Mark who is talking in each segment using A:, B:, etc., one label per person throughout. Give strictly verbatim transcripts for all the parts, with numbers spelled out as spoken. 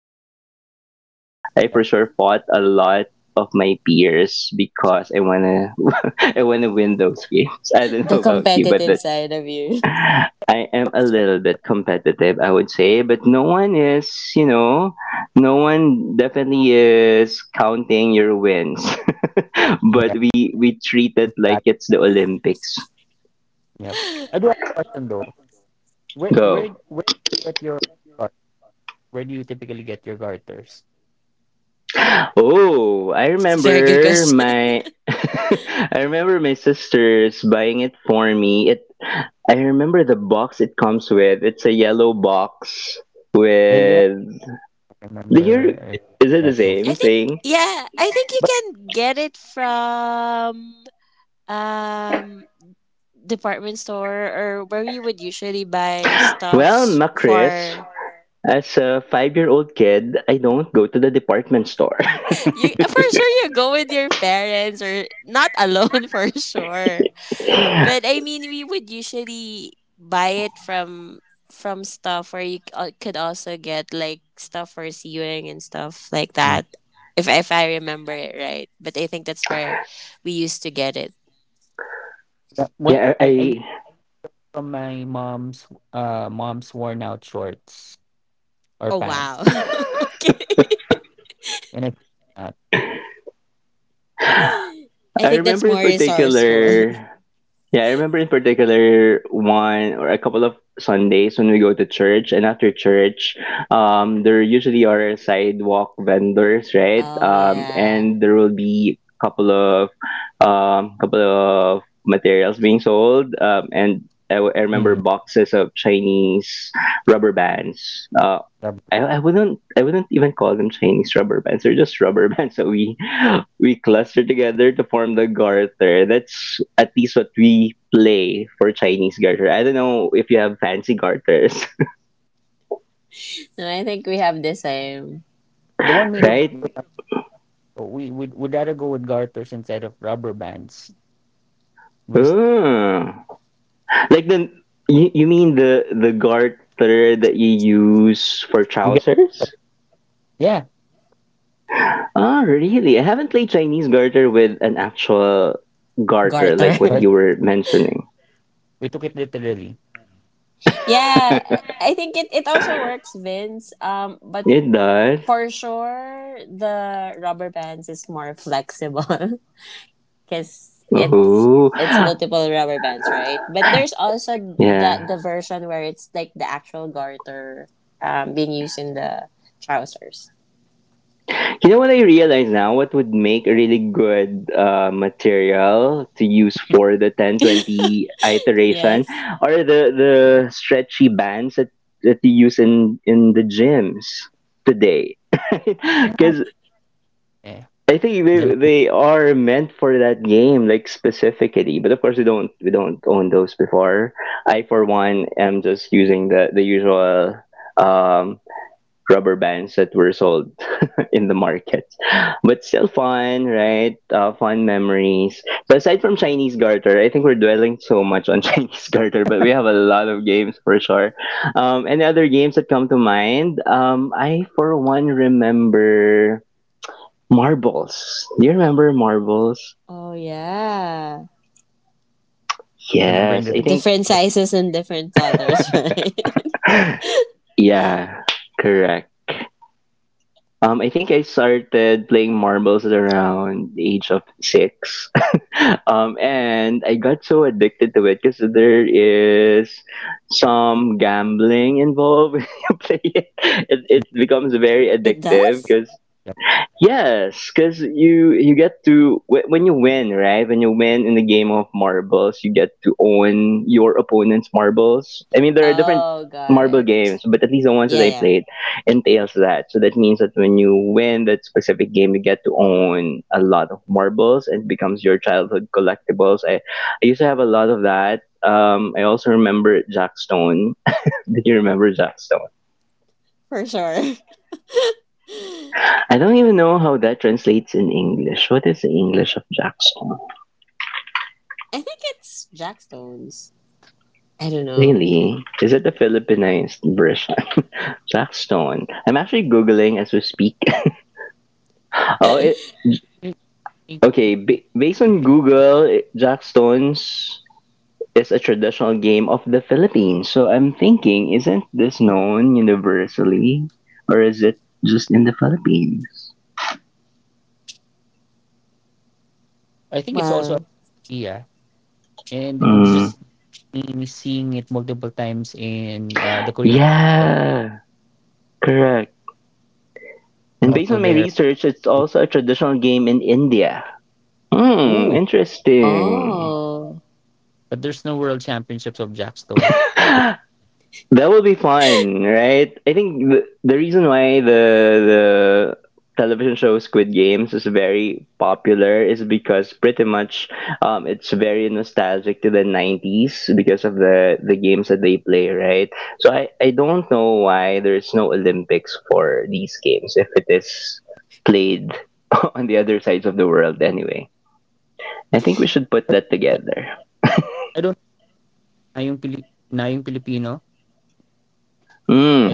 A: to share. I've I for
B: Yeah.
A: sure fought a lot of my peers because I wanna I wanna win those games. I don't
C: The
A: know about you, but
C: competitive side of you.
A: I am a little bit competitive, I would say, but no one is, you know, no one definitely is counting your wins.
B: Yeah.
A: But we we treat it like
B: That
A: it's the Olympics.
B: yep. I do have a question though. Where where
A: Go.
B: where do you get your gar- where do you typically get your garters?
A: Oh, I
C: It's a very good
A: remember
C: question.
A: my I remember my sisters buying it for me. It I remember the box it comes with. It's a yellow box
B: The yeah,
A: with.
B: I
A: do you
B: remember uh,
A: is it the
B: that too.
C: I
A: same
C: think
A: thing?
C: yeah, I think you
B: But
C: can get it from um department store, or where you would usually buy
A: Well,
C: stuffs
A: Macris,
C: for
A: as a five-year-old kid, I don't go to the department store.
C: you. For sure you go with your parents or not alone, for sure.
A: Yeah,
C: But I mean, we would usually buy it from from stuff where you c- uh, could also get like stuff for sewing and stuff like that. If if I remember it right, but I think that's where we used to get it.
B: that- what I, I used
A: I
B: from my mom's uh mom's worn out shorts or
C: Oh
B: pants,
C: wow. Okay.
B: and I uh,
C: I
A: I
C: think that's
A: remember
C: more
A: in
C: resourceful.
A: particular. Yeah, I remember in particular one or a couple of Sundays when we go to church, and after church, um, there usually are sidewalk vendors, right?
C: Oh
A: Um,
C: yeah.
A: and there will be couple of um, couple of materials being sold, um, and I, I remember
B: mm,
A: boxes of Chinese rubber bands. Uh,
B: rub-
A: I, I wouldn't I wouldn't even call them Chinese rubber bands. They're just rubber bands that we we cluster together to form the garter. That's at least what we play for Chinese garter. I don't know if you have fancy garters,
C: No, I think we have the same
B: the one made of
A: right?
B: rubber. We would would rather go with garters instead of rubber bands because
A: Oh. Like the you, you mean the the garter that you use for
B: we get
A: trousers?
B: yeah
A: Oh, really? I haven't played Chinese garter with an actual garter like what
C: garter.
B: but
A: you were mentioning.
B: we took it literally.
C: Yeah, I think it, it also works, Vince. Um, but
A: It does.
C: for sure, the rubber bands is more flexible because it's
A: Oh,
C: it's multiple rubber bands, right? But there's also the
A: yeah.
C: the version where it's like the actual garter um, being used in the trousers.
A: You know what I realize now? What would make a really good uh, material to use for the ten twenty iteration
C: Yes.
A: are the, the stretchy bands that, that you use in, in the gyms today. Because
B: Yeah,
A: I think
B: then
A: they, they are meant for that game, like specifically. But of course, we don't we don't own those before. I, for one, am just using the, the usual um, rubber bands that were sold in the market. But still fun, right? Uh, fun memories. So aside from Chinese garter, I think we're dwelling so much on Chinese garter, but we have a lot of games for sure. Um, any other games that come to mind? Um, I for one remember marbles. Do you remember marbles?
C: Oh yeah.
B: I'm remembering
A: Yes, I
B: that
A: think
C: Different sizes and different colors, right?
A: yeah, correct. Um, I think I started playing marbles at around the age of six. Um, and I got so addicted to it because there is some gambling involved when you play it. It, it becomes very
C: It
A: addictive
C: does.
A: because.
B: yeah.
A: Yes, because you you get to wh- when you win, right? When you win in the game of marbles, you get to own your opponent's marbles. I mean, there are different
C: Oh, got
A: marble
C: it.
A: games, but at least the ones that
C: Yeah,
A: I
C: yeah,
A: played entails that. So that means that when you win that specific game, you get to own a lot of marbles and becomes your childhood collectibles. I I used to have a lot of that. Um, I also remember Jackstone. Did you remember Jackstone?
C: for sure.
A: I don't even know how that translates in English. What is the English of Jackstone?
C: I think it's Jackstones. I don't know.
A: Really? Is it the Philippinized version? Blackstone. I'm actually googling as we speak. Oh, it
B: We- we-
A: okay. Ba-
B: we-
A: based on
B: we-
A: Google, it, Jackstones is a traditional game of the Philippines. So I'm thinking, isn't this known universally, or is it just in the Philippines?
B: I think it's also
C: Well,
B: yeah, and and it's
A: Mm.
B: just me seeing it multiple times in uh, the Korean and
A: Yeah, correct. And based on
B: also
A: my
B: there.
A: research, it's also a traditional game in India. Hmm, interesting.
C: oh,
B: But there's no world championships of jackstone.
A: That would be fun, right? I think the, the reason why the the television show Squid Games is very popular is because pretty much um, it's very nostalgic to the nineties because of the, the games that they play, right? So I, I don't know why there's no Olympics for these games if it is played on the other sides of the world anyway. I think we should put that
B: But
A: together.
B: I don't na yung Pilip na yung Filipino.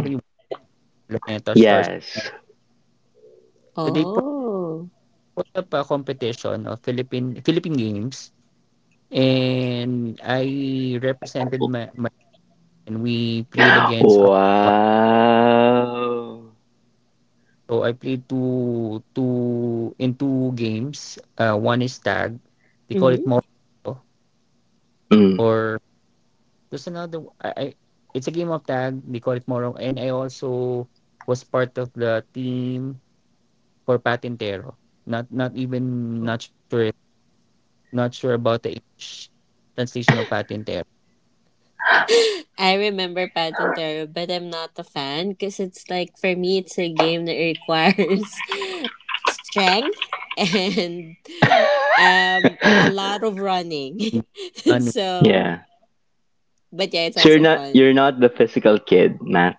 B: I think Luneta Stars.
A: yes.
B: So they put,
C: oh.
B: put up a competition of Philippine Philippine games, and I represented my, my and we played against. Our,
A: Wow.
B: so I played two two in two games. Uh, one is tag. We call
C: Hmm.
B: it Moro
A: Mm.
B: or There's another o- I I it's a game of tag, they call it Morong, and I also was part of the team for Patintero. Not not even not sure not sure about the English translation of Patintero.
C: I remember Patentero, but I'm not a fan because it's like, for me, it's a game that requires strength and um a lot of running.
B: Ano,
C: So,
A: Yeah.
C: but yeah, it's
A: So you're
C: also
A: not
C: fun.
A: you're not the physical kid, Mac.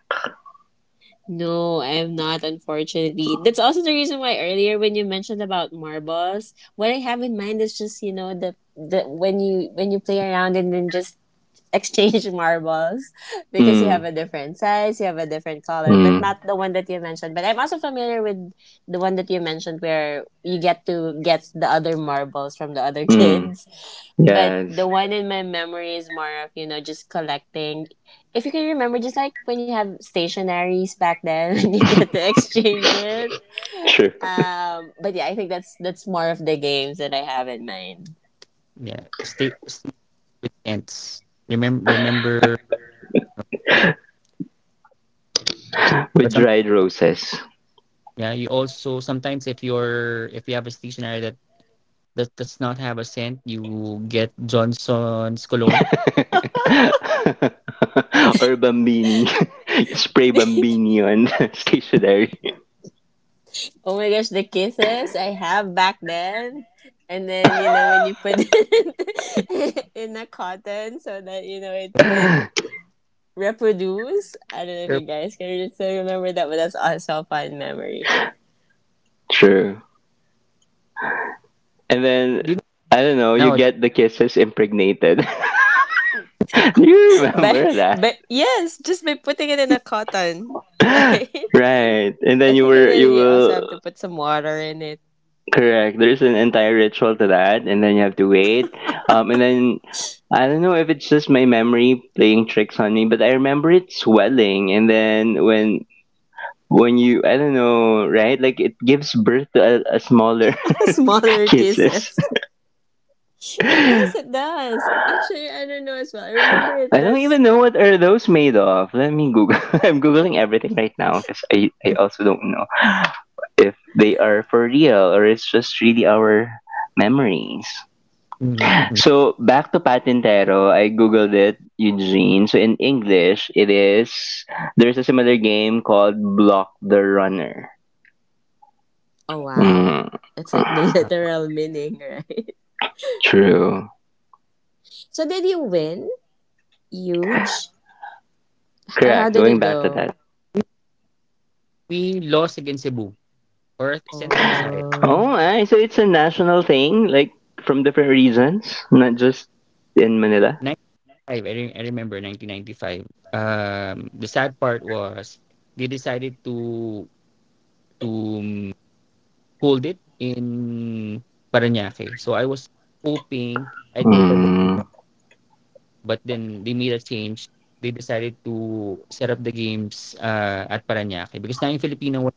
C: No, I am not, unfortunately. That's also the reason why earlier when you mentioned about marbles, what I have in mind is just, you know, the, the when you when you play around and then just exchange marbles, because you have
A: Mm.
C: a different size, you have a different color, but
A: Mm.
C: not the one that you mentioned. But I'm also familiar with the one that you mentioned, where you get to get the other marbles from the other
A: Mm.
C: kids. But
A: Yes.
C: the one in my memory is more of, you know, just collecting. If you can remember, just like when you have stationaries back then and you get to exchange it.
A: True.
C: Um, but yeah, I think that's, that's more of the games that I have in mind.
B: yeah, stay, stay with ends. Remember remember
A: With
B: but some
A: dried roses.
B: yeah, you also sometimes if you're if you have a stationery that that does not have a scent, you get Johnson's cologne.
A: Or bambini. Spray bambini on stationery.
C: Oh my gosh, the kisses I have back then. And then, you know, when you put it in a cotton, so that, you know, it would reproduce. I don't know if
B: Or,
C: you guys can still remember that, but that's also a fun memory.
A: True. And then
B: do you know,
A: I don't know, you
B: now,
A: get the kisses impregnated. Do you
C: But
A: remember that?
C: but yes, just by putting it in a cotton, right?
A: Right. And
C: I
A: then you
C: think, and
A: were,
C: then
A: you
C: you also have to
A: will.
C: put some water in it.
A: Correct. There's an entire ritual to that, and then you have to wait. Um, and then I don't know if it's just my memory playing tricks on me, but I remember it swelling, and then when when you I don't know, right? Like it gives birth to a, a smaller
C: Smaller
A: kisses.
C: kisses. It does, it does. Actually, I don't know as well. I remember it
A: I don't
C: does.
A: even know what are those made of. Let me Google. I'm googling everything right now because I I also don't know if they are for real or it's just really our memories.
B: mm-hmm.
A: So back to Patintero, I googled it, Eugene. So in English, it is there's a similar game called Block the Runner.
C: Oh wow.
A: Mm,
C: It's like the literal meaning, right?
A: true.
C: So did you win? Huge? Or how
A: Correct.
C: did
A: Going
C: it
A: back to that.
C: go?
B: We lost against Cebu or Central Visayas.
A: Oh,
C: Oh.
A: I so it's a national thing, like from different reasons, not just in Manila.
B: ninety-five, I, re- I remember nineteen ninety-five. Um, the sad part was they decided to to um, hold it in Paranaque. So I was hoping I'd go to a different
A: Mm,
B: route, but then they made a change. They decided to set up the games uh, at Paranaque because now in Filipino was,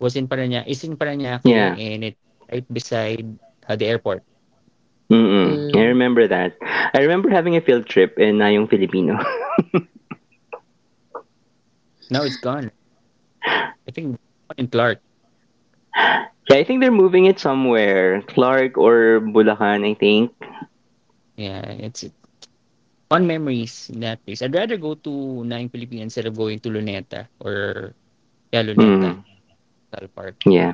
B: was in Paranaque, is in Paranaque
A: yeah.
B: and it's right beside uh, the airport.
A: Mm-mm. I
C: Mm,
A: remember that. I remember having a field trip in Ayong Filipino.
B: Now it's gone. I think it's gone in Clark.
A: Yeah, I think they're moving it somewhere, Clark or Bulacan, I think.
B: Yeah, it's it. Fun memories in that place. I'd rather go to Nine Philippines instead of going to Luneta or yeah, Luneta,
A: Mm,
B: Cal Park.
A: yeah.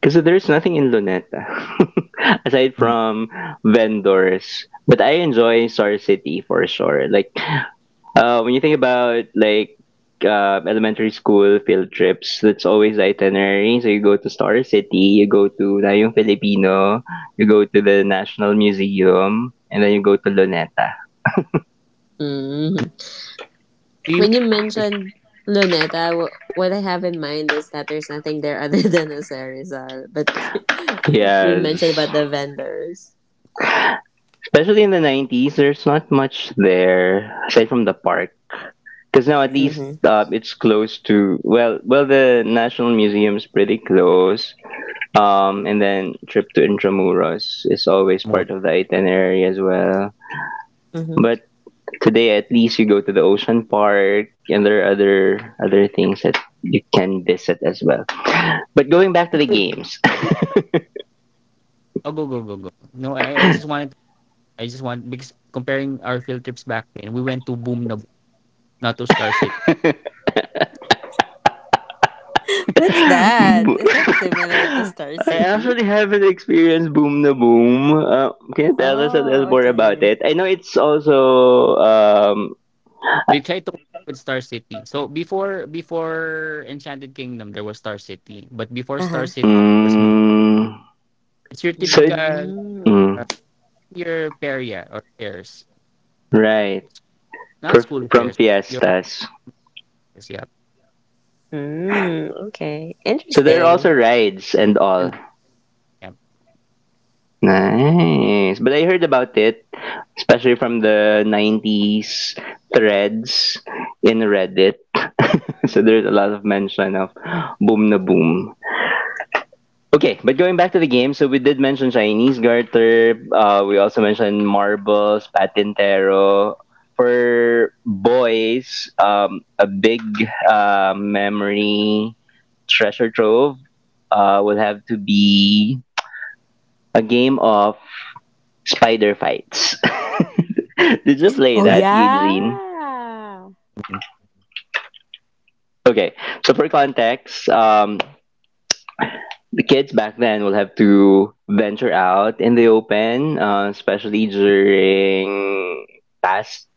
A: Because there is nothing in Luneta aside from vendors. But I enjoy Star City for sure. Like uh, when you think about like uh, elementary school field trips, that's always the itinerary. So you go to Star City, you go to Nayong Filipino, you go to the National Museum, and then you go to Luneta.
C: mm.
B: So you
C: When you
B: went
C: mentioned Luneta, w- what I have in mind is that there's nothing there other than a Sarizal. But you mentioned
A: Yes.
C: about the vendors.
A: Especially in the nineties, there's not much there aside from the park. Because now at least
C: Mm-hmm.
A: uh, it's close to well well the national museum's pretty close, um, and then trip to Intramuros is always
B: to more.
A: part of the itinerary as well,
C: Mm-hmm.
A: but today at least you go to the ocean park and there are other other things that you can visit as well, but going back to the games.
B: Oh, go go go go. No, I, I just wanted I just want because comparing our field trips back then, we went to Boom na Boom, not to Star City.
C: What's that? Is that similar to Star
A: I actually
C: City?
A: haven't experienced Boom na Boom. Uh, can you tell us a little
C: Oh,
A: more about
C: okay.
A: it? I know it's also um,
B: They tried to with Star City. So before before Enchanted Kingdom, there was Star City, but before
C: Uh
B: Star
C: huh.
B: City, there was Boom.
A: Mm,
B: It's your
A: so it,
B: typical
C: Mm.
B: uh,
A: mm,
B: your feria or fairs,
A: right.
B: not
A: For,
B: school
A: from
B: fairs. Your
A: fiestas.
B: fairs, yeah.
C: Mm, okay.
A: So there are also
C: Interesting.
A: rides and all.
B: Yeah.
A: Nice. But I heard about it, especially from the nineties threads in Reddit. So there's a lot of mention of boom na boom. Okay, but going back to the game, so we did mention Chinese garter. Uh, we also mentioned marbles, patintero. For boys, um, a big uh, memory treasure trove uh, will have to be a game of spider fights. Did you play
C: Oh,
B: Yeah.
A: that,
C: yeah.
A: Eugene? Okay, so for context, um, the kids back then will have to venture out in the open, uh, especially during past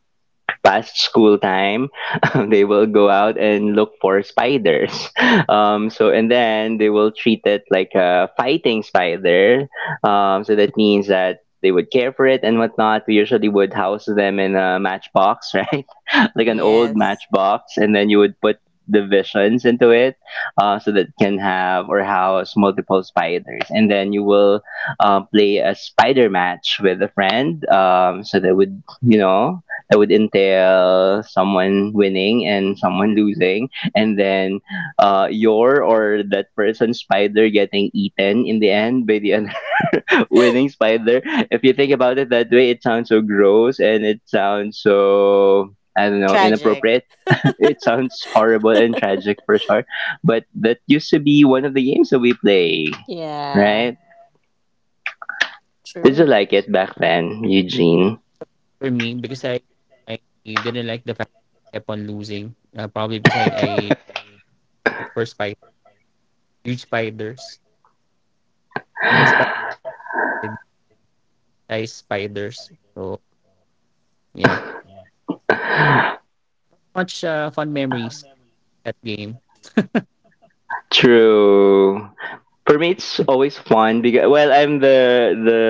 A: past school time. Um, they will go out and look for spiders. Um, so and then they will treat it like a fighting spider. Um, so that means that they would care for it and whatnot. We usually would house them in a matchbox, right? Like an old
C: Yes.
A: matchbox, and then you would put divisions into it uh, so that it can have or house multiple spiders, and then you will uh, play a spider match with a friend, um, so that would, you know, that would entail someone winning and someone losing, and then uh, your or that person's spider getting eaten in the end by the winning spider. If you think about it that way, it sounds so gross and it sounds so, I don't know,
C: Tragic.
A: inappropriate. It sounds horrible and tragic for sure, but that used to be one of the games that we play,
C: Yeah.
A: right? Did you
C: True.
A: like it back then, Eugene?
B: For me, because I I didn't like the fact that I kept on losing. Uh, probably because I, I look for spider huge spiders. In my spider size spiders. So yeah. Much uh, fun memories that game.
A: True. For me, it's always fun because well, I'm the the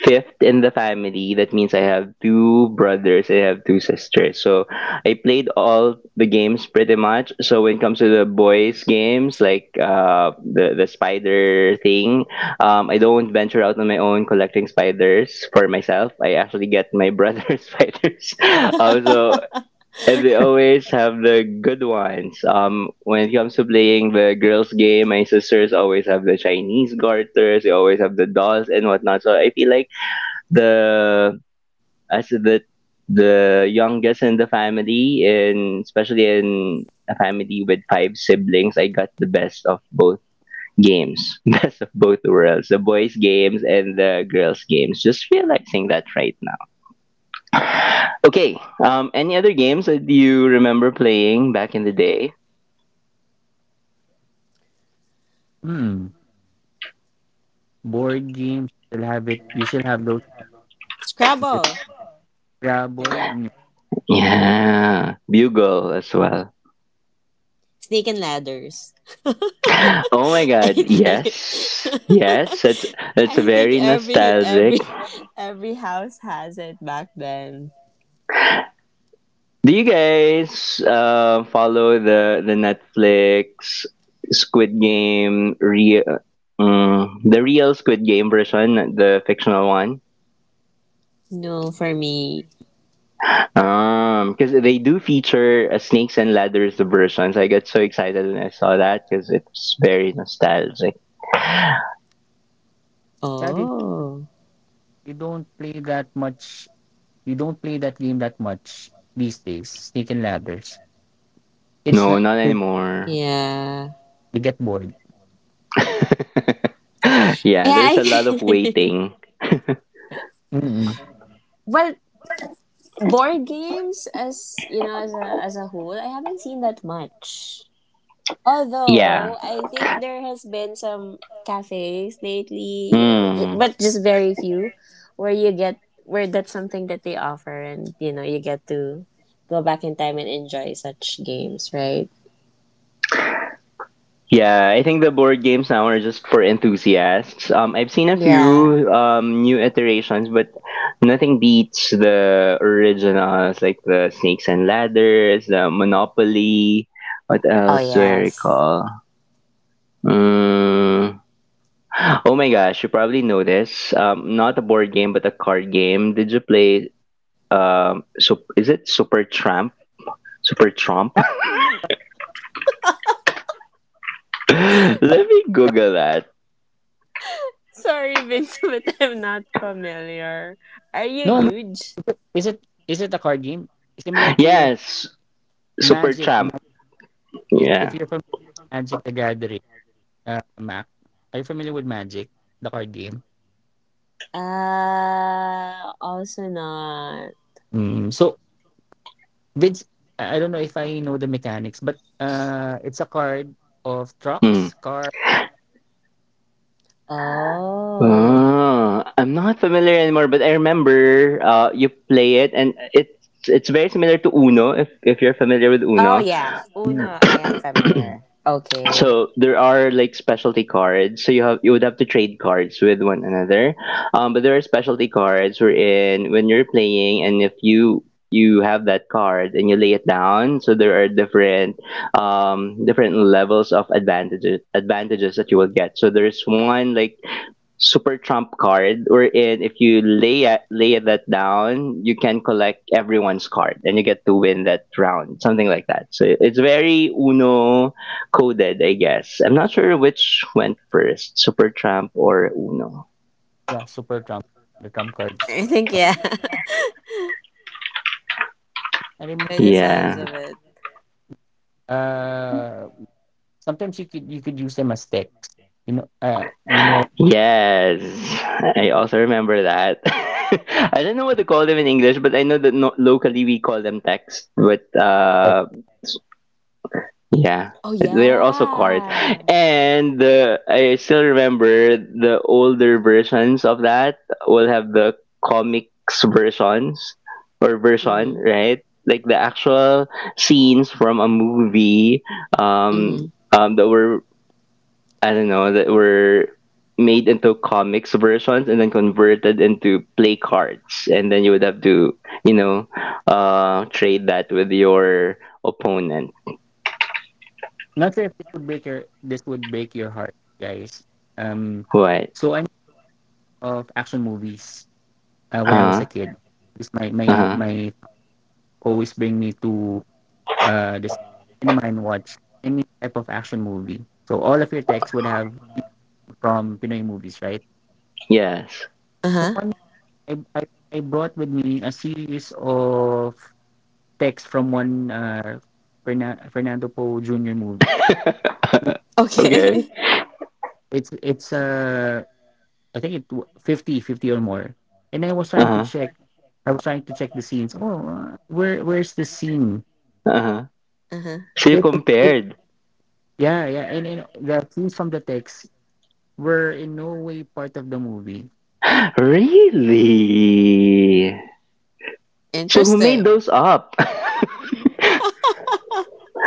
A: fifth in the family. That means I have two brothers, I have two sisters. So I played all the games pretty much. So when it comes to the boys games like uh the the spider thing, um, I don't venture out on my own collecting spiders for myself. I actually get my brother's spiders. Um, so and they always have the good ones. Um, when it comes to playing the girls' game, my sisters always have the Chinese garters. They always have the dolls and whatnot. So I feel like the as the the youngest in the family, and especially in a family with five siblings, I got the best of both games. Best of both worlds, the boys games and the girls games, just realizing that right now. Okay, um, any other games that you remember playing back in the day?
B: Hmm. Board games you shall have it you still have those
C: Scrabble,
B: Scrabble.
C: right?
B: Mm.
A: Yeah, bugle as well.
C: Snake and ladders.
A: Oh my
C: I
A: god,
C: think
A: yes, yes, that's that's
C: I think
A: very
C: every
A: nostalgic.
C: every every house has it back then.
A: Do you guys uh, follow the the Netflix Squid Game re- um, the real Squid Game version, not the fictional one?
C: No, for me.
A: Um, because they do feature a Snakes and Ladders version, so I got so excited when I saw that because it's very nostalgic.
B: Sadly
C: Oh,
B: you don't play that much you don't play that game that much these days. Snake and ladders. It's
A: No,
B: not
A: not
B: you
A: anymore.
C: yeah,
B: get bored.
A: Yeah,
C: yeah.
A: there's a lot of
C: I
A: waiting.
B: Mm-mm.
C: Well, board games, as you know, as a as a whole, I haven't seen that much.
A: Yeah.
C: Although I think there has been some cafes lately, you know, ju-
A: Mm.
C: but just very few, where you get where that's something that they offer, and, you know, you get to go back in time and enjoy such games, right?
A: Yeah, I think the board games now are just for enthusiasts. Um, I've seen a
C: Yeah.
A: few um, new iterations, but nothing beats the originals, like the Snakes and Ladders, the Monopoly. What
C: Oh
A: else do I
C: yes.
A: recall? Mm. Oh my gosh, you probably know this. Um, not a board game, but a card game. Did you play? Um, so is it Super Tramp? Super Trump?
B: Ah,
A: Let me Google that.
C: Sorry, Vince, but I'm not familiar. Are you
B: No,
C: huge?
B: Is it is it a card game similar to
A: Yes, Super
B: Magic?
A: Tramp.
B: Ma- If, if
A: Yeah.
B: you're from Magic the Gathering, uh, Mac, are you familiar with Magic, the card game?
C: Uh, also not.
B: Mm, so Vince, I I don't know if I know the mechanics, but uh, it's a card of
A: Hmm.
B: trucks, car,
C: Oh.
A: Ah, I'm not familiar anymore, but I remember uh, you play it, and it's it's very similar to Uno. If if you're familiar with
C: Oh
A: Uno,
C: yeah.
B: Mm.
C: Uno, I am familiar. Okay.
A: so there are like specialty cards. So you have you would have to trade cards with one another. Um, but there are specialty cards wherein when you're playing, and if you you have that card and you lay it down, so there are different um different levels of advantages advantages that you will get. So there's one like super trump card wherein if you lay a- lay that down, you can collect everyone's card and you get to win that round, something like that. So it's very Uno coded, I guess. I'm not sure which went first, super trump or Uno.
B: Yeah, super trump, the trump cards.
C: I think yeah.
B: I remember
C: By the sounds
A: Yeah,
C: of it.
B: uh, sometimes you could you could use them as text. You know, uh, you know,
A: yes, I also remember that. I don't know what to call them in English, but I know that no- locally we call them text, but
B: like
A: uh, yeah,
C: Oh
A: they are also cards.
C: yeah.
A: And the I still remember the older versions of that will have the comics versions or version,
C: Mm-hmm.
A: right? Like the actual scenes from a movie, um,
C: Mm-hmm.
A: um, that were, I don't know, that were made into comics versions and then converted into play cards, and then you would have to, you know, uh trade that with your opponent.
B: not sure if this would break your this would break your heart, guys. Um,
A: What?
B: So I'm. Of action movies uh, when I was a
A: Uh-huh.
B: kid. Because my my
A: Uh-huh.
B: my always bring me to uh the cinema and watch any type of action movie. So all of your texts would have from Pinoy movies, right?
A: Yes.
B: The
C: Uh-huh.
B: one I I, I brought with me a series of texts from one uh Fernan- Fernando Poe Junior movie.
A: Okay.
C: Okay.
B: It's it's uh I think it w- fifty, fifty or more. And I was trying to
A: Uh-huh.
B: check I was trying to check the scenes. Oh, uh, where where's this scene?
A: Uh-huh.
C: Uh-huh.
B: It,
A: So you
B: it,
A: compared.
B: yeah, yeah, and, and the clues from the text were in no way part of the movie.
A: Really? So who made
C: Interesting.
A: those up?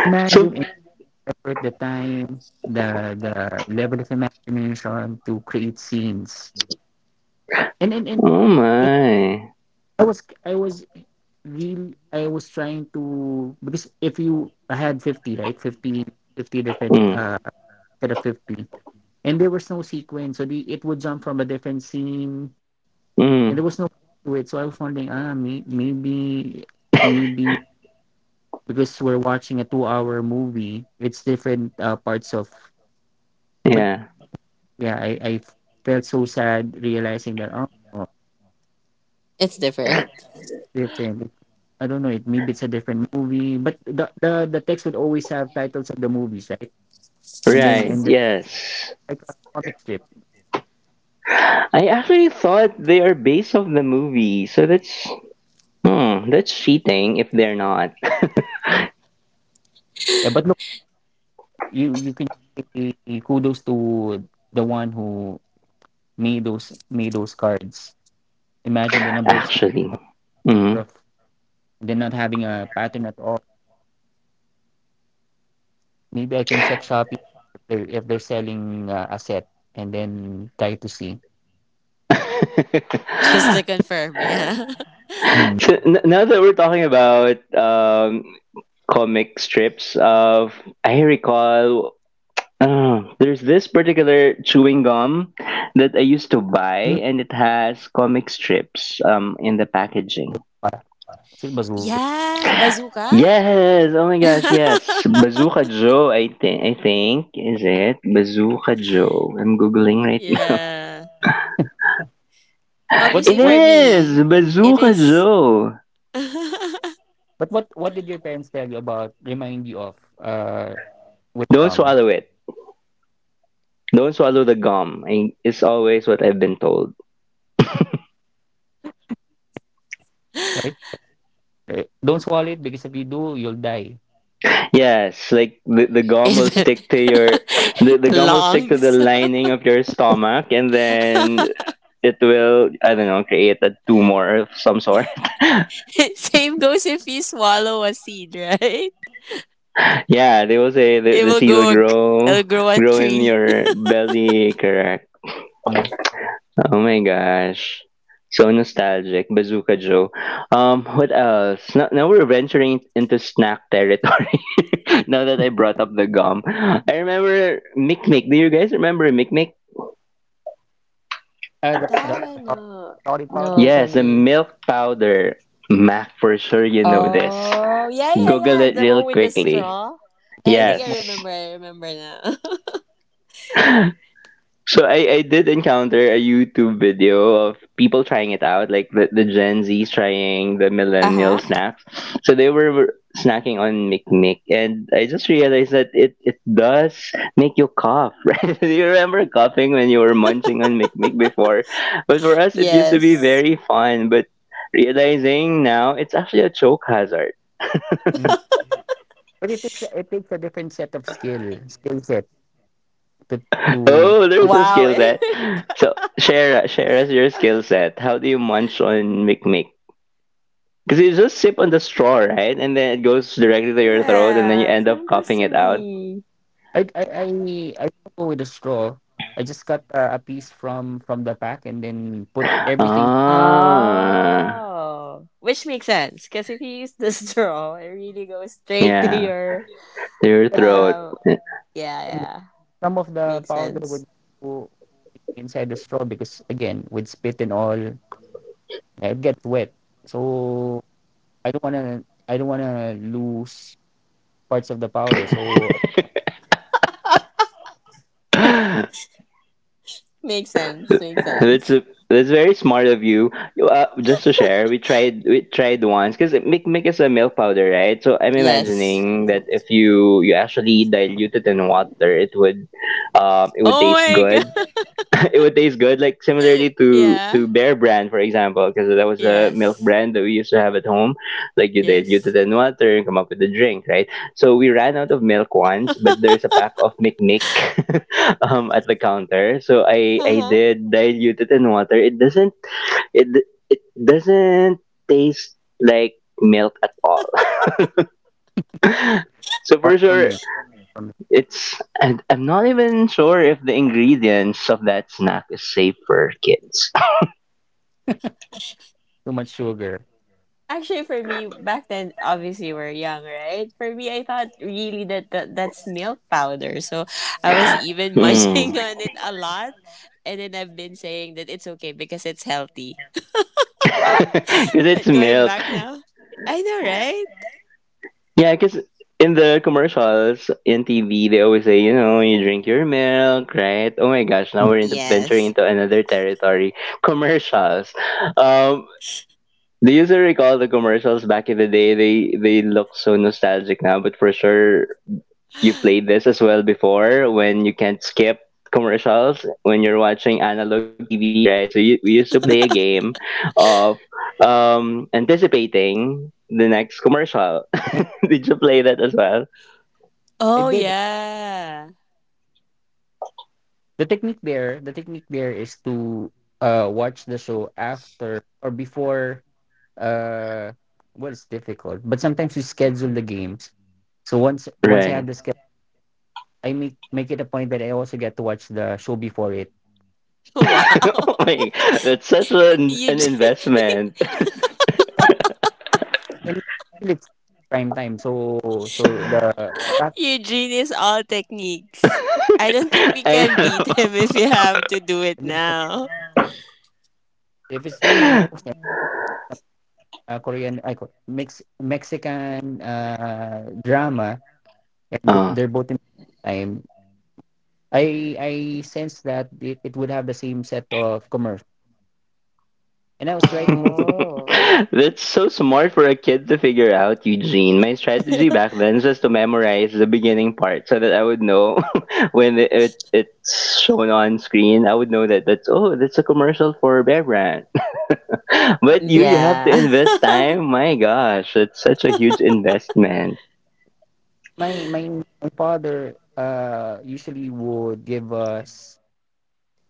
A: So
B: Imagine in effort, the time, the the level of imagination to create scenes, and and, and
A: oh
B: it,
A: my.
B: I was I was really I was trying to because if you I had fifty right fifty fifty different
A: Mm.
B: uh set of fifty, and there was no sequence, so the, it would jump from a different scene and
A: Mm.
B: there was no it. So I was wondering, ah, may, maybe, maybe because we're watching a two-hour movie, it's different uh, parts of. But
A: Yeah.
B: yeah, I, I felt so sad realizing that oh, oh,
C: It's different.
B: different. I don't know. It maybe it's a different movie, but the the the text would always have titles of the movies, right? And then
A: Right.
B: and then
A: Yes.
B: like a comic strip.
A: I actually thought they are based off the movie. So that's, hmm, that's cheating if they're not.
B: Yeah, but no, you you can say kudos to the one who made those made those cards. Imagine the number of
A: Actually. Mm.
B: of they're not having a pattern at all. Maybe I can check Shopee if they're, if they're selling uh, a set and then try to see.
A: So
C: Just to confirm, yeah.
B: Hmm.
A: n- now that we're talking about um, comic strips of, I recall uh, there's this particular chewing gum that I used to
B: Hmm.
A: buy and it has comic strips um in the packaging.
B: Ah, Silbazu.
C: Yeah, bazooka.
A: Yes, oh my gosh, yes. Bazooka Joe, I think I think is it Bazooka Joe. I'm googling right now.
C: Yeah.
B: What did
A: It
C: Obviously
B: what
C: for
A: is
C: me, it
A: Bazooka
C: is
A: Joe.
B: but what what did your parents tell you about remind you of uh
A: Don't
B: wisdom,
A: swallow it. Don't swallow the gum. I, it's always what I've been told.
B: right? Eh, don't swallow it because if you do, you'll die.
A: Yes, like the, the gum will
C: it
A: stick to your the, the gum will stick to the
C: lungs.
A: lining of your stomach, and then it will, I don't know, create a tumor of some sort.
C: Same goes if you swallow a seed, right?
A: Yeah, they will say the,
C: It
A: the
C: will
A: seed will
C: go
A: grow
C: it'll grow a
A: grow in
C: tree.
A: your belly, correct.
B: Mm.
A: Oh my gosh. So nostalgic, Bazooka Joe. Um, what else? Now, now we're venturing into snack territory. Now that I brought up the gum, I remember Mick Mick. Do you guys remember Mick Mick?
B: Uh, the, the
C: That I
B: the pow-
C: know.
B: sorry
C: No,
B: powder mix
C: for
A: Yes, the
C: me.
A: milk powder. Mac, for sure you know this.
C: Oh, yeah, yeah,
A: Google
C: yeah.
A: it
C: The
A: real
C: one with the
A: quickly.
C: straw. I
B: with a
C: think I
A: Yes.
B: small.
C: remember. I remember now.
A: So I, I did encounter a YouTube video of people trying it out, like the, the Gen Zs trying the
C: Uh huh.
A: millennial snacks. So they were snacking on McNick, and I just realized that it, it does make you cough, right? Do you remember coughing when you were munching on McNick before? But for us, it used to be
C: Yes.
A: very fun, but realizing now it's actually a choke hazard.
B: Mm. But it takes a- it takes a different set of skill skill set to to
A: Oh, there's a
C: Wow.
A: skill set. So share share us your skill set. How do you munch on mikmik? Because you just sip on the straw, right? And then it goes directly to your throat, and then you
C: Yeah.
A: end up
C: Time goes
A: coughing
C: to
A: it out.
C: me.
B: I I I, I don't go with a straw. I just cut uh, a piece from from the pack and then put everything.
A: Ah,
C: Oh, which makes sense, because if you use the straw, it really goes straight to
A: yeah,
C: your.
A: to your
B: But, but
A: throat.
C: Um. Yeah.
B: then
C: Yeah.
B: some of the
C: Makes
B: powder would
C: sense.
B: go inside the straw because again with spit and all it gets wet. So I don't wanna I don't wanna lose parts of the powder. So
A: that's
C: Makes sense. Makes sense.
A: a, that's very smart of you. Uh, just to share, we tried we tried once because mikmik is a milk powder, right? So I'm
C: Yes.
A: imagining that if you you actually dilute it in water, it would um, it would
C: Oh
A: taste
C: my
A: good.
C: god.
A: It would taste good. Like similarly to
C: Yeah.
A: to Bear Brand, for example, because that was a milk
C: Yes.
A: brand that we used to have at home. Like you dilute
C: Yes.
A: it in water and come up with a drink, right? So we ran out of milk once, but there's a pack of Nick Nick um, at the counter. So I
C: Uh
A: I
C: huh.
A: did dilute it in water. It doesn't it d- it doesn't taste like milk at all. So for
B: apart from
A: sure,
B: it, from
A: it's, and I'm not even sure if the ingredients of that snack is safe for kids.
B: too much sugar,
C: Actually, for me back then, obviously we're young, right? For me, I thought really that, that that's milk powder, so I was even
A: Mm.
C: munching on it a lot, and then I've been saying that it's okay because it's healthy.
A: Because it's
C: But going
A: milk.
C: back now, I know, right?
A: Yeah, because in the commercials in T V, they always say, you know, you drink your milk, right? Oh my gosh, now
B: Mm.
A: we're into venturing
C: Yes.
A: into another territory. Commercials. Um, do you still recall the commercials back in the day? They they look so nostalgic now, but for sure you played this as well before when you can't skip commercials when you're watching analog T V, right? So you, we used to play a game of um, anticipating the next commercial. Did you play that as well?
B: I
C: Oh
B: did
C: yeah.
B: the technique there. The technique there is to uh watch the show after or before uh well it's difficult but sometimes you schedule the games so once once I have
A: Right.
B: the schedule I make make it a point that I also get to watch the show before it
C: Wow.
A: Oh my, that's such an, an
C: Eugene,
A: investment.
B: and, and really it's prime time so so the that-
C: Eugene is all techniques. I don't think we
A: I
C: can beat him if you have to do it now.
B: if it's the news
A: know.
B: and uh, Korean I, mix Mexican uh drama and th-
A: Uh,
B: they're both in time I I sense that it, it would have the same set of commercials and I was right most
C: Oh.
A: that's so smart for a kid to figure out, Eugene. My strategy back then was to memorize the beginning part so that I would know when it, it it's shown on screen. I would know that that's oh, that's a commercial for Bear Brand. But you, you
C: Yeah.
A: have to invest time. My gosh, it's such a huge investment.
B: my my my father uh usually would give us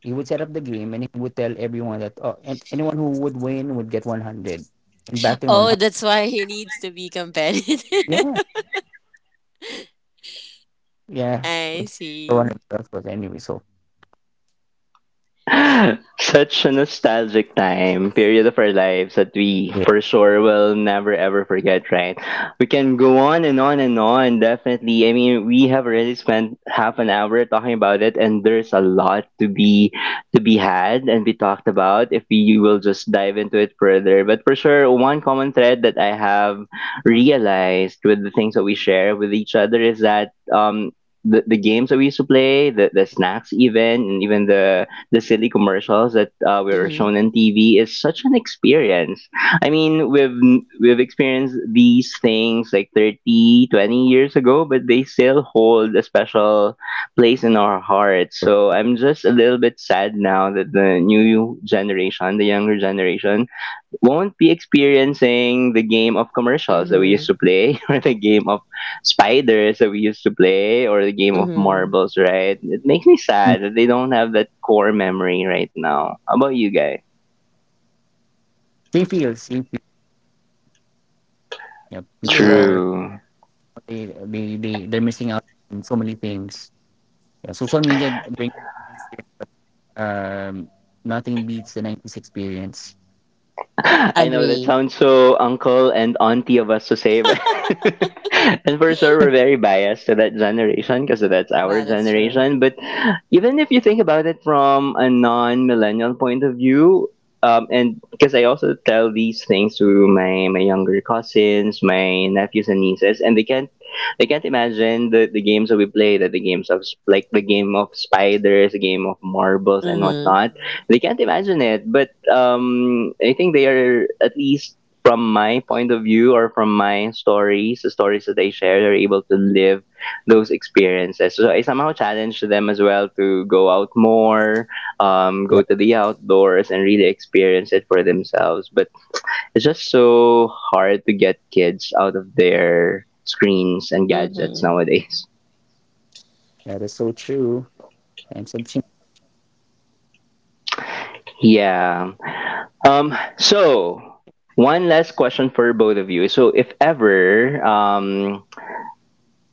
B: he would set up the game and he would tell everyone that oh and anyone who would win would get one hundred and back then
C: Oh,
B: one hundred
C: that's why he needs to be competitive.
B: yeah yeah
C: I
B: it's
C: see.
B: one hundred plus anyway so
A: Such a nostalgic time, period of our lives that we
B: yeah.
A: for sure will never ever forget, right? We can go on and on and on, definitely. I mean, we have already spent half an hour talking about it and there's a lot to be to be had and be talked about if we will just dive into it further. But for sure, one common thread that I have realized with the things that we share with each other is that um the, the games that we used to play, the, the snacks even, and even the the silly commercials that uh, were
C: Mm-hmm.
A: shown on T V is such an experience. I mean, we've we've experienced these things like thirty, twenty years ago, but they still hold a special place in our hearts. So I'm just a little bit sad now that the new generation, the younger generation, won't be experiencing the game of commercials that we used
C: Mm-hmm.
A: to play, or the game of spiders that we used to play, or the game of
C: Mm-hmm.
A: marbles, right? It makes me
B: Mm,
A: sad that they don't have that core memory right now. How about you guys?
B: same feels same feel. Yeah people
C: Yeah.
B: are
A: True.
B: they, they they they're missing out on so many things yeah social media brings um nothing beats the nineties experience
A: I know that
C: Agree.
A: sounds so uncle and auntie of us to say, but and for sure we're very biased to that generation because that's our
C: Wow, that's true.
A: generation. But even if you think about it from a non-millennial point of view, um, and because I also tell these things to my my younger cousins, my nephews and nieces, and they can't they can't imagine the, the games that we play, that the games of s- like the game of spiders, the game of marbles and
C: Mm-hmm.
A: whatnot they can't imagine it, but um, I think they are at least from my point of view or from my stories, the stories that they share, they're able to live those experiences. So I somehow challenge them as well to go out more, um, go
B: yeah
A: to the outdoors and really experience it for themselves. But it's just so hard to get kids out of their screens and gadgets
C: Mm-hmm.
A: nowadays.
B: that is so true and have
A: Yeah. Um, so one last question for both of you. So if ever, um,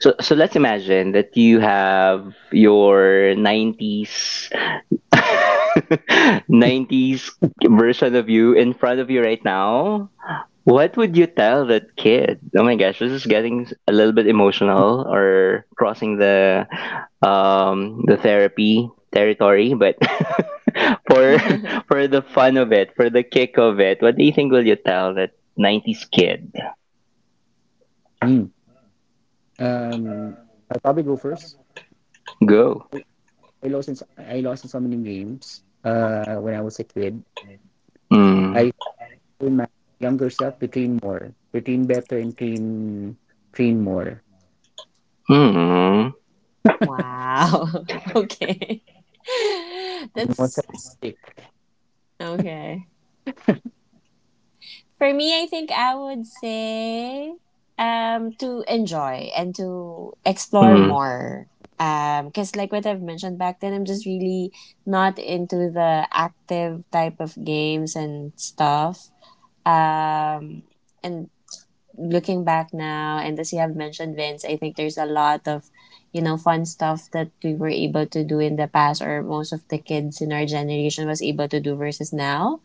A: so so let's imagine that you have your nineties nineties version of you in front of you right now, what would you tell that kid? Oh my gosh, this is getting a little bit emotional or crossing the um the therapy territory, but for for the fun of it, for the kick of it, what do you think will you tell that nineties kid?
B: Hmm. Um I'll probably go first
A: Go.
B: I lost in s- I lost in so many games. Uh, when I was a kid,
A: Mm.
B: I told my younger self to train more, to train better, and train train more.
A: Mm.
C: Wow. Okay.
B: What's that?
C: That's
B: Stick?
C: okay. For me, I think I would say um, to enjoy and to explore
A: Mm.
C: more. um Because, like what I've mentioned back then, I'm just really not into the active type of games and stuff. Um, and looking back now, and as you have mentioned, Vince, I think there's a lot of you know fun stuff that we were able to do in the past, or most of the kids in our generation was able to do versus now.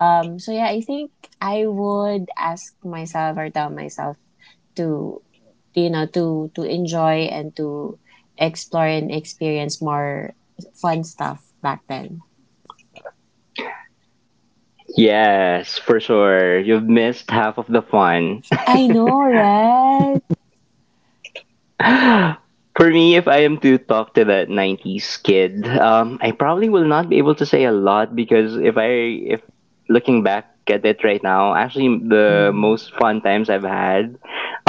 C: Um, so yeah, I think I would ask myself or tell myself to you know to to enjoy and to explore and experience more fun stuff back then.
A: Yes, for sure. You've missed half of the fun.
C: I know, right?
A: For me, if I am to talk to that nineties kid, um, I probably will not be able to say a lot because if I if looking back at it right now, actually the
C: Mm.
A: most fun times I've had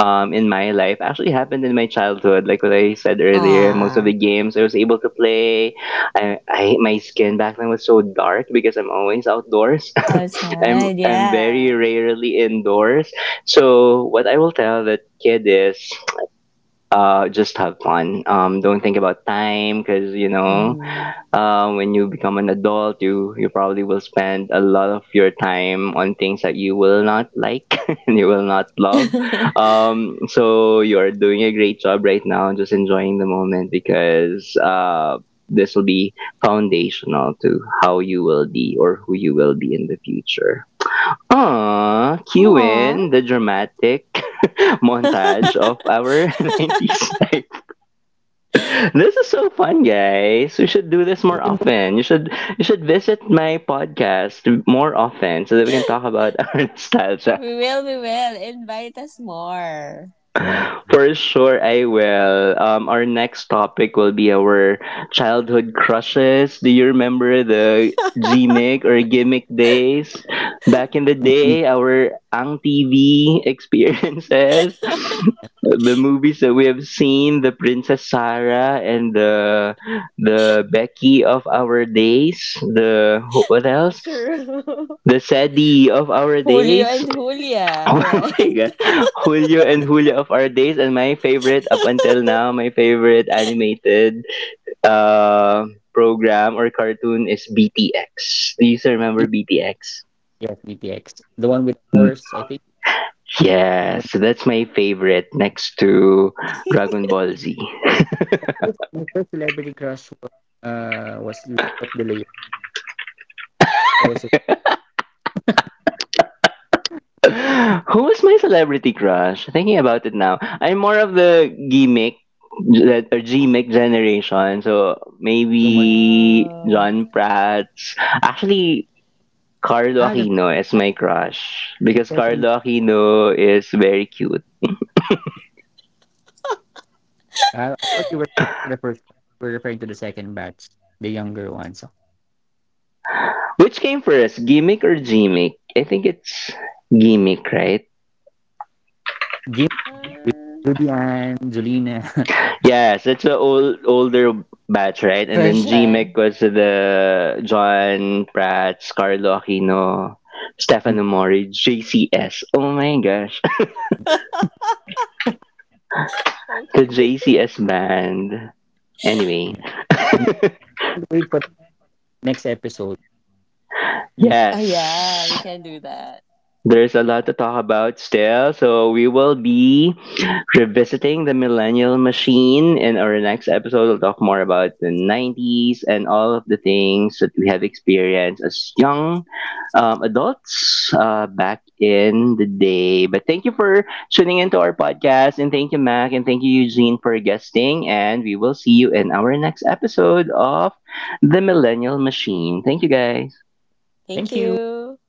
A: um, in my life actually happened in my childhood. Like what I said earlier, most of
C: Aw,
A: the games I was able to play. I, I my skin back then was so dark because I'm always outdoors. I'm
C: outside,
A: I'm very
C: yeah.
A: rarely indoors. So what I will tell that kid is uh, just have fun. Um, don't think about time because you know
C: Mm-hmm.
A: uh, when you become an adult, you you probably will spend a lot of your time on things that you will not like and you will not love. Um, so you are doing a great job right now, just enjoying the moment because uh, this will be foundational to how you will be or who you will be in the future. Ah, cue
C: Aw,
A: in the dramatic montage of our nineties this is so fun, guys. We should do this more often. You should you should visit my podcast more often so that we can talk about our nostalgia.
C: we will, we will invite us more.
B: Yeah,
A: For sure, I will. Um, our next topic will be our childhood crushes. Do you remember the gimmick or gimmick days? Back in the
B: E-
A: day, our Ang T V experiences, the movies that we have seen, the Princess Sarah and the the Becky of our days, the wh- what else?
C: True.
A: The Sadie of our
C: Julio
A: days.
C: and Julia,
A: Oh my
C: right?
A: god. Julio and Julia of our days and my favorite up until now, my favorite animated uh program or cartoon is B T X. Do you still
B: E-
A: remember B T X?
B: yeah, V T X, the one with the
A: Mm,
B: horse. I think the
A: yes, that's my favorite next to Dragon Ball Z.
B: first, my first celebrity crush was uh was Lot Delay. There was a
A: Who was my celebrity crush? Thinking about it now, I'm more of the gimmick that or gimmick generation. So
B: Romuald.
A: maybe
C: Oh.
A: John Pratt. Actually, Carlo
B: Ah, that's
A: Aquino as my crush
B: the
A: because
B: second.
A: Carlo Aquino is very cute.
B: Uh, I thought you were to the first. We're referring to the second batch, the younger ones. So,
A: Which came first, gimmick or gimmick? I think it's gimmick, right?
B: Gim,
C: Uh,
B: Ruby Ann, Julina.
A: Yes, it's the old older batch, right? And then gimmick
C: Version.
A: was the John Prats, Carlo Aquino,
B: and
A: Stefano Mori, J C S. Oh my gosh, the
C: Okay.
A: J C S band. Anyway,
B: Yeah. And wait for the next episode.
C: Oh yeah, we
A: yes.
C: can do that.
A: There's a lot to talk about still, so we will be revisiting the millennial machine. In our next episode, we'll talk more about the nineties and all of the things that we have experienced as young um, adults uh, back in the day. But thank you for tuning into our podcast. And thank you, Mac. And thank you, Eugene, for guesting. And we will see you in our next episode of The Millennial Machine. Thank you, guys.
C: Thank
B: Thank you.
C: you.